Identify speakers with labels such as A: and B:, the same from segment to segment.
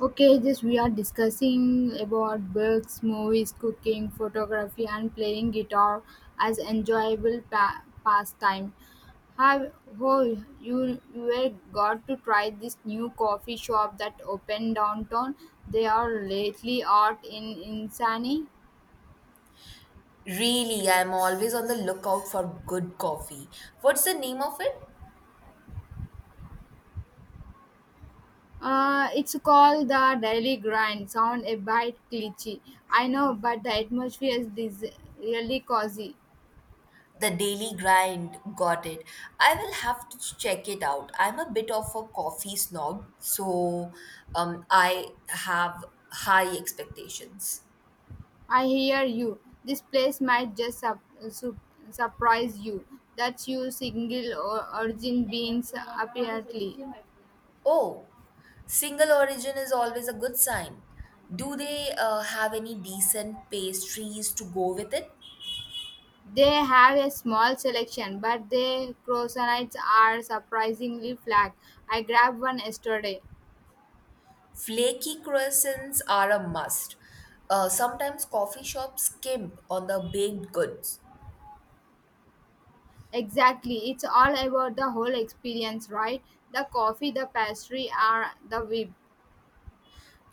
A: Okay, just we are discussing about books, movies, cooking, photography, and playing guitar as enjoyable pastime. Have oh, you were got to try this new coffee shop that opened downtown? They are lately art in Insani.
B: Really, I'm always on the lookout for good coffee. What's the name of it?
A: It's called the Daily Grind. Sound a bit cliche, I know, but the atmosphere is really cozy.
B: The Daily Grind. Got it. I will have to check it out. I'm a bit of a coffee snob, so I have high expectations.
A: I hear you. This place might just su- surprise you. That's you single or origin beans apparently.
B: Oh, single origin is always a good sign. Do they have any decent pastries to go with it?
A: They have a small selection, but their croissants are surprisingly flat. I grabbed one yesterday.
B: Flaky croissants are a must. Sometimes coffee shops skimp on the baked goods.
A: Exactly. It's all about the whole experience, right? The coffee, the pastry, are the whip.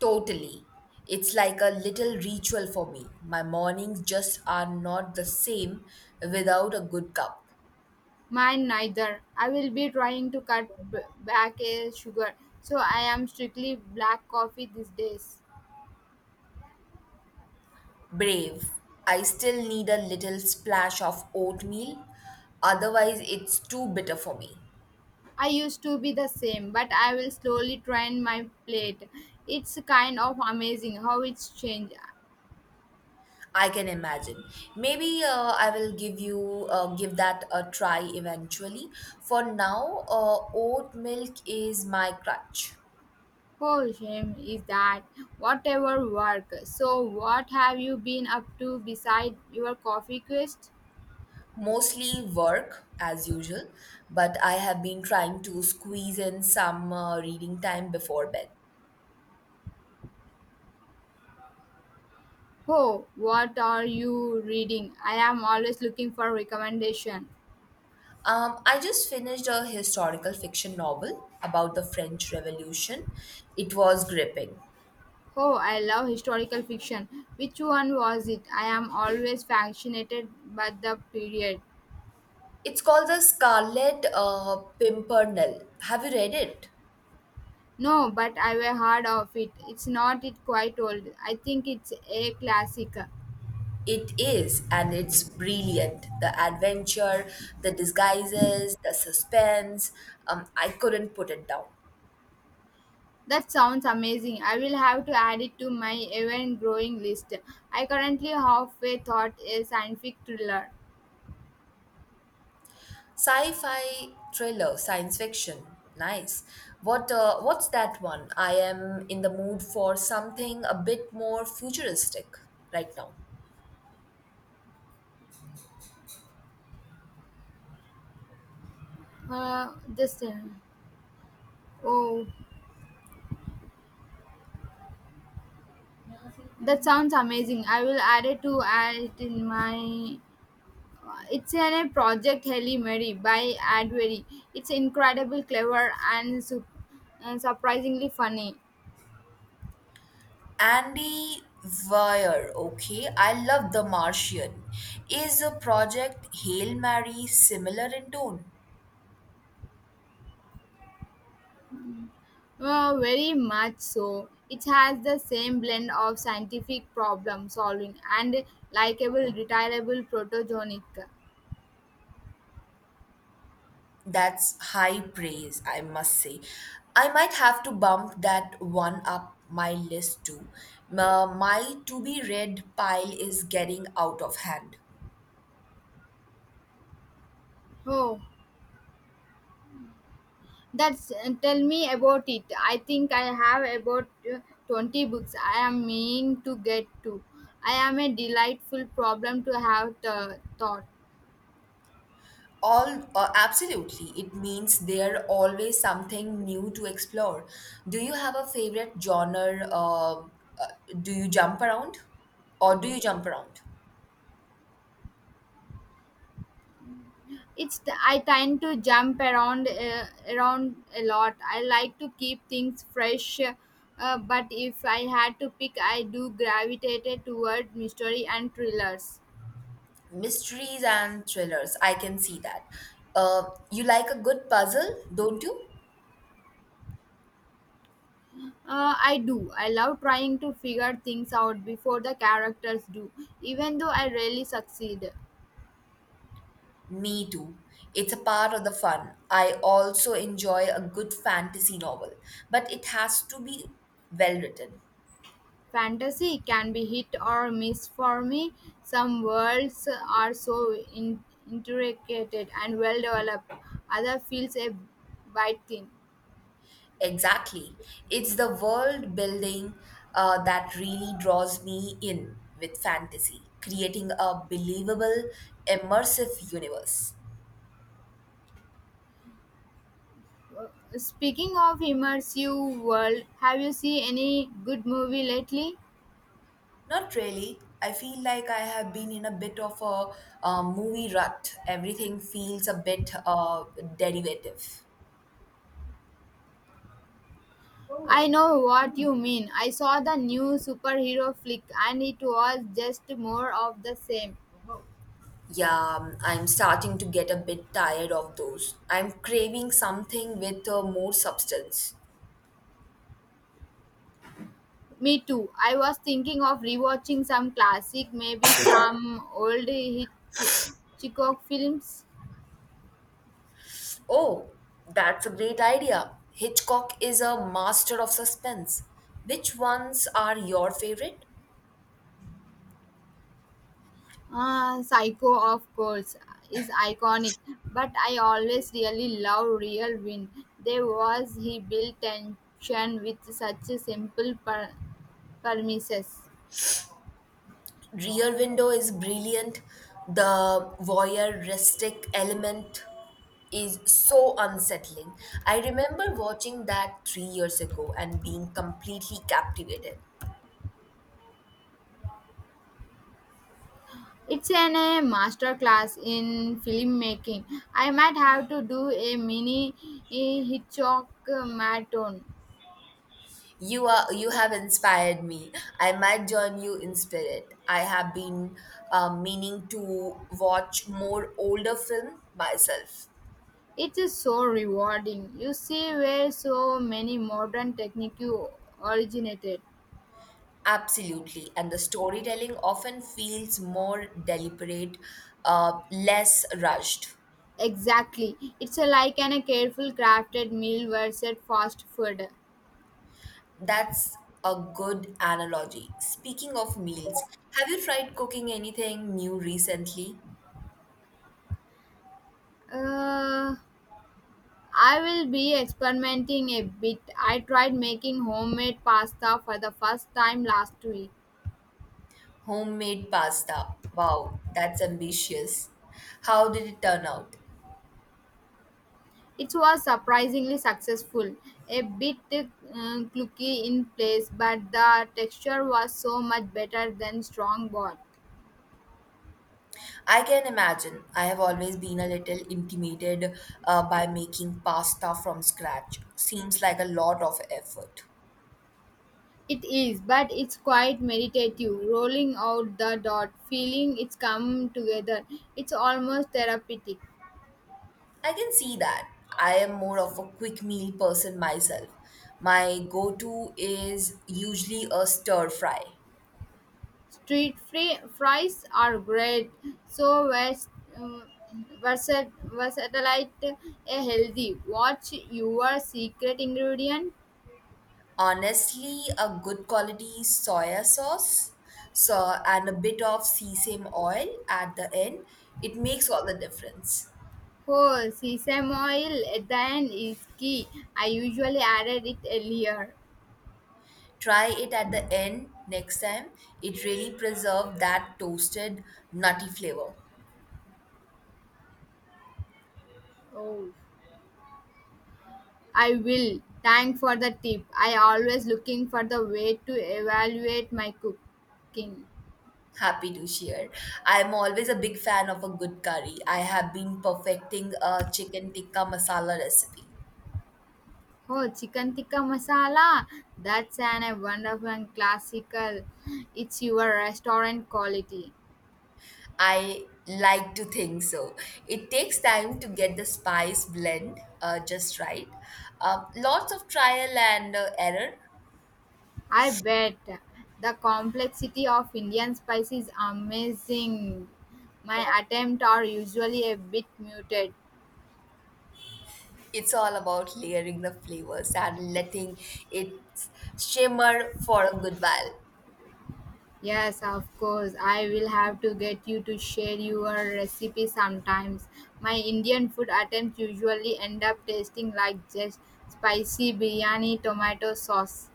B: Totally. It's like a little ritual for me. My mornings just are not the same without a good cup.
A: Mine neither. I will be trying to cut back a sugar, so I am strictly black coffee these days.
B: Brave. I still need a little splash of oatmeal, otherwise, it's too bitter for me.
A: I used to be the same, but I will slowly train my plate. It's kind of amazing how it's changed.
B: I can imagine. Maybe I will give that a try eventually. For now, oat milk is my crutch.
A: Oh, shame is that whatever work. So, what have you been up to beside your coffee quest?
B: Mostly work as usual, but I have been trying to squeeze in some reading time before bed.
A: Oh, what are you reading? I am always looking for recommendation.
B: I just finished a historical fiction novel about the French Revolution. It was gripping.
A: Oh, I love historical fiction. Which one was it? I am always fascinated by the period.
B: It's called The Scarlet Pimpernel. Have you read it?
A: No, but I've heard of it. It's not it quite old. I think it's a classic.
B: It is, and it's brilliant. The adventure, the disguises, the suspense. I couldn't put it down.
A: That sounds amazing. I will have to add it to my ever-growing list. I currently halfway thought a scientific thriller.
B: Sci-fi thriller, science fiction. Nice. What's that one? I am in the mood for something a bit more futuristic right now.
A: Uh, just uh, oh, that sounds amazing. I will add it to add it in my. It's a project Halle Mary by Advery. It's incredible, clever, and surprisingly funny.
B: Andy Weir, okay. I love The Martian. Is a project Hail Mary similar in tone?
A: Very much so. It has the same blend of scientific problem solving and likable, retireable protagonic.
B: That's high praise, I must say. I might have to bump that one up my list too. My to be read pile is getting out of hand.
A: Oh, that's Tell me about it. I think I have about 20 books I am meaning to get to. I am a delightful problem to have thought.
B: All Absolutely, it means there always something new to explore. Do you have a favorite genre? Do you jump around, or do you jump around?
A: It's the, I tend to jump around around a lot. I like to keep things fresh, but if I had to pick, I do gravitate toward mystery and thrillers.
B: Mysteries and thrillers. I can see that. Uh, you like a good puzzle, don't you?
A: I do. I love trying to figure things out before the characters do, even though I rarely succeed.
B: Me too. It's a part of the fun. I also enjoy a good fantasy novel, but it has to be well written.
A: Fantasy can be hit or miss for me. Some worlds are so intricate and well developed, other feels a bit thin.
B: Exactly. It's the world building that really draws me in with fantasy, creating a believable, immersive universe.
A: Uh, Speaking of immersive world, have you seen any good movie lately?
B: Not really. I feel like I have been in a bit of a, movie rut. Everything feels a bit derivative.
A: I Oh, know what you mean. I saw the new superhero flick and it was just more of the same.
B: Yeah, I'm starting to get a bit tired of those. I'm craving something with more substance.
A: Me too. I was thinking of rewatching some classic, maybe some old Hitchcock films.
B: Oh, that's a great idea. Hitchcock is a master of suspense. Which ones are your favorite?
A: Psycho, of course, is iconic, but I always really love Real Win. There was he built tension with such a simple premises.
B: Rear Window is brilliant. The voyeuristic element is so unsettling. I remember watching that 3 years ago and being completely captivated.
A: It's an a masterclass in filmmaking. I might have to do a mini Hitchcock marathon.
B: You have inspired me. I might join you in spirit. I have been meaning to watch more older film myself.
A: It is so rewarding. You see where so many modern technique originated.
B: Absolutely, and the storytelling often feels more deliberate, less rushed.
A: Exactly. It's a, like an, a careful crafted meal versus fast food.
B: That's a good analogy. Speaking of meals, have you tried cooking anything new recently?
A: Uh, I will be experimenting a bit. I tried making homemade pasta for the first time last week.
B: Homemade pasta. Wow, that's ambitious. How did it turn out?
A: It was surprisingly successful. A bit clunky in place, but the texture was so much better than strong broth.
B: I can imagine. I have always been a little intimidated by making pasta from scratch. Seems like a lot of effort.
A: It is, but it's quite meditative. Rolling out the dot, feeling it's come together. It's almost therapeutic.
B: I can see that. I am more of a quick meal person myself. My go to is usually a stir fry.
A: Street free fries are great, so um, versatile, a healthy. What's your secret ingredient?
B: Honestly, a good quality soya sauce so, and a bit of sesame oil at the end, it makes all the difference.
A: Oh, sesame oil at the end is key. I usually added it earlier.
B: Try it at the end next time. It really preserves that toasted, nutty flavor.
A: Oh, I will. Thank for the tip. I always looking for the way to evaluate my cooking.
B: Happy to share. I'm always a big fan of a good curry. I have been perfecting a chicken tikka masala recipe.
A: Oh, chicken tikka masala. That's an a wonderful and classical. It's your restaurant quality.
B: I like to think so. It takes time to get the spice blend just right. Lots of trial and error.
A: I bet the complexity of Indian spice is amazing. My attempts are usually a bit muted.
B: It's all about layering the flavors and letting it shimmer for a good while.
A: Yes, of course. I will have to get you to share your recipe sometimes. My Indian food attempts usually end up tasting like just spicy biryani tomato sauce.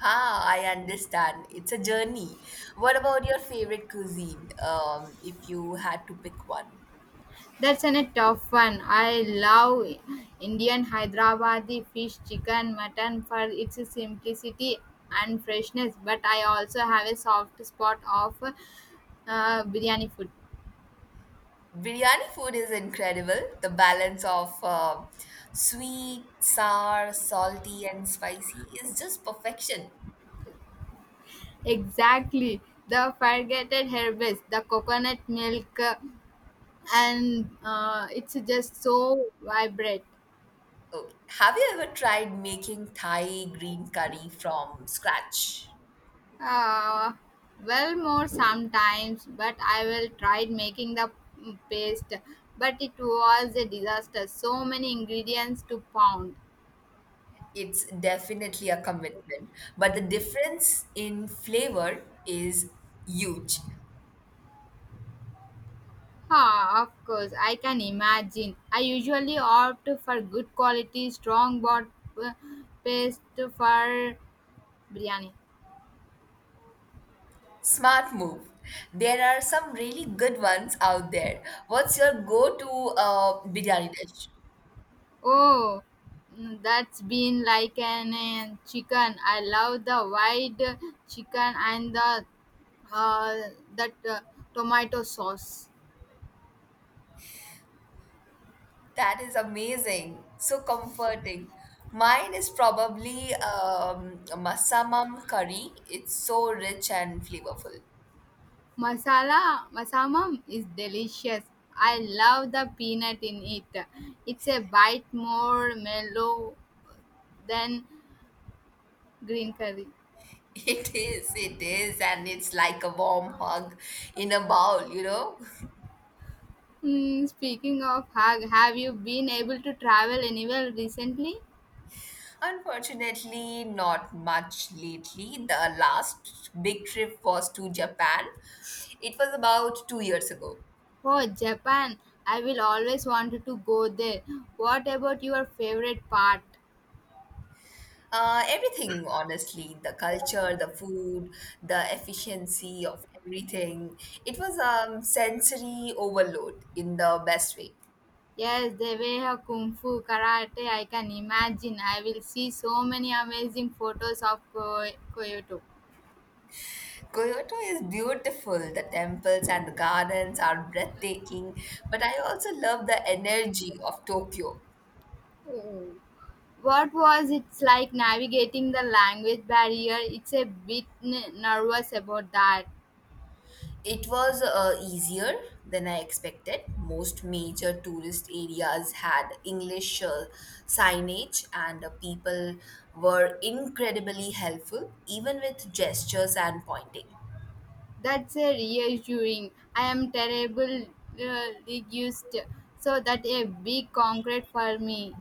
B: Ah, I understand. It's a journey. What about your favorite cuisine? If you had to pick one,
A: That's an a tough one. I love Indian Hyderabadi fish, chicken, mutton for its simplicity and freshness. But I also have a soft spot of biryani food.
B: biryani food is incredible. The balance of sweet, sour, salty, and spicy is just perfection.
A: Exactly, the forgotten herbs, the coconut milk, and it's just so vibrant.
B: Okay. Have you ever tried making Thai green curry from scratch?
A: Uh, well, more sometimes, but I will tried making the paste, but it was a disaster. So many ingredients to pound.
B: It's definitely a commitment, but the difference in flavor is huge.
A: Ah, of course, I can imagine. I usually opt for good quality, strong bot uh, paste for biryani.
B: Smart move. There are some really good ones out there. What's your go-to biryani dish?
A: Oh, that's been like an chicken. I love the white chicken and the uh, that tomato sauce.
B: That is amazing. So comforting. Mine is probably masamam curry. It's so rich and flavorful.
A: Masala masamam is delicious. I love the peanut in it. It's a bite more mellow than green curry.
B: It is, and it's like a warm hug in a bowl, you know.
A: Hmm, speaking of hug, have you been able to travel anywhere recently?
B: Unfortunately, not much lately. The last big trip was to Japan. It was about 2 years ago.
A: Oh, Japan. I will always wanted to go there. What about your favorite part?
B: Everything, honestly, the culture, the food, the efficiency of everything. It was sensory overload in the best way.
A: Yes, the way of kung fu, karate, I can imagine. I will see so many amazing photos of Kyoto.
B: Kyoto is beautiful. The temples and the gardens are breathtaking, but I also love the energy of Tokyo.
A: Oh. What was it like navigating the language barrier? It's a bit nervous about that.
B: It was easier than I expected. Most major tourist areas had English signage, and people were incredibly helpful, even with gestures and pointing.
A: That's a reassuring. I am terrible linguist, so that a big concrete for me.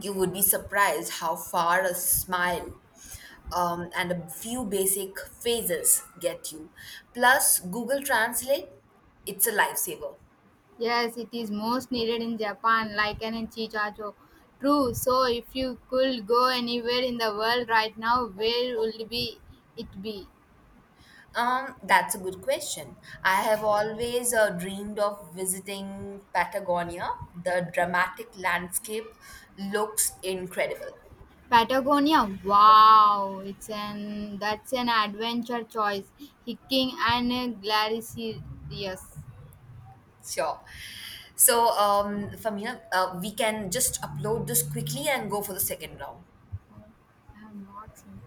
B: You would be surprised how far a smile and a few basic phrases get you. Plus, Google Translate, it's a lifesaver.
A: Yes, it is most needed in Japan, like an chichacho. True. So, if you could go anywhere in the world right now, where would be it be?
B: That's a good question. I have always dreamed of visiting Patagonia. The dramatic landscape looks incredible.
A: Patagonia. Wow, it's an that's an adventure choice. Hiking and Glaricious.
B: Sure. So, Famina, we can just upload this quickly and go for the second round.
A: I have not seen.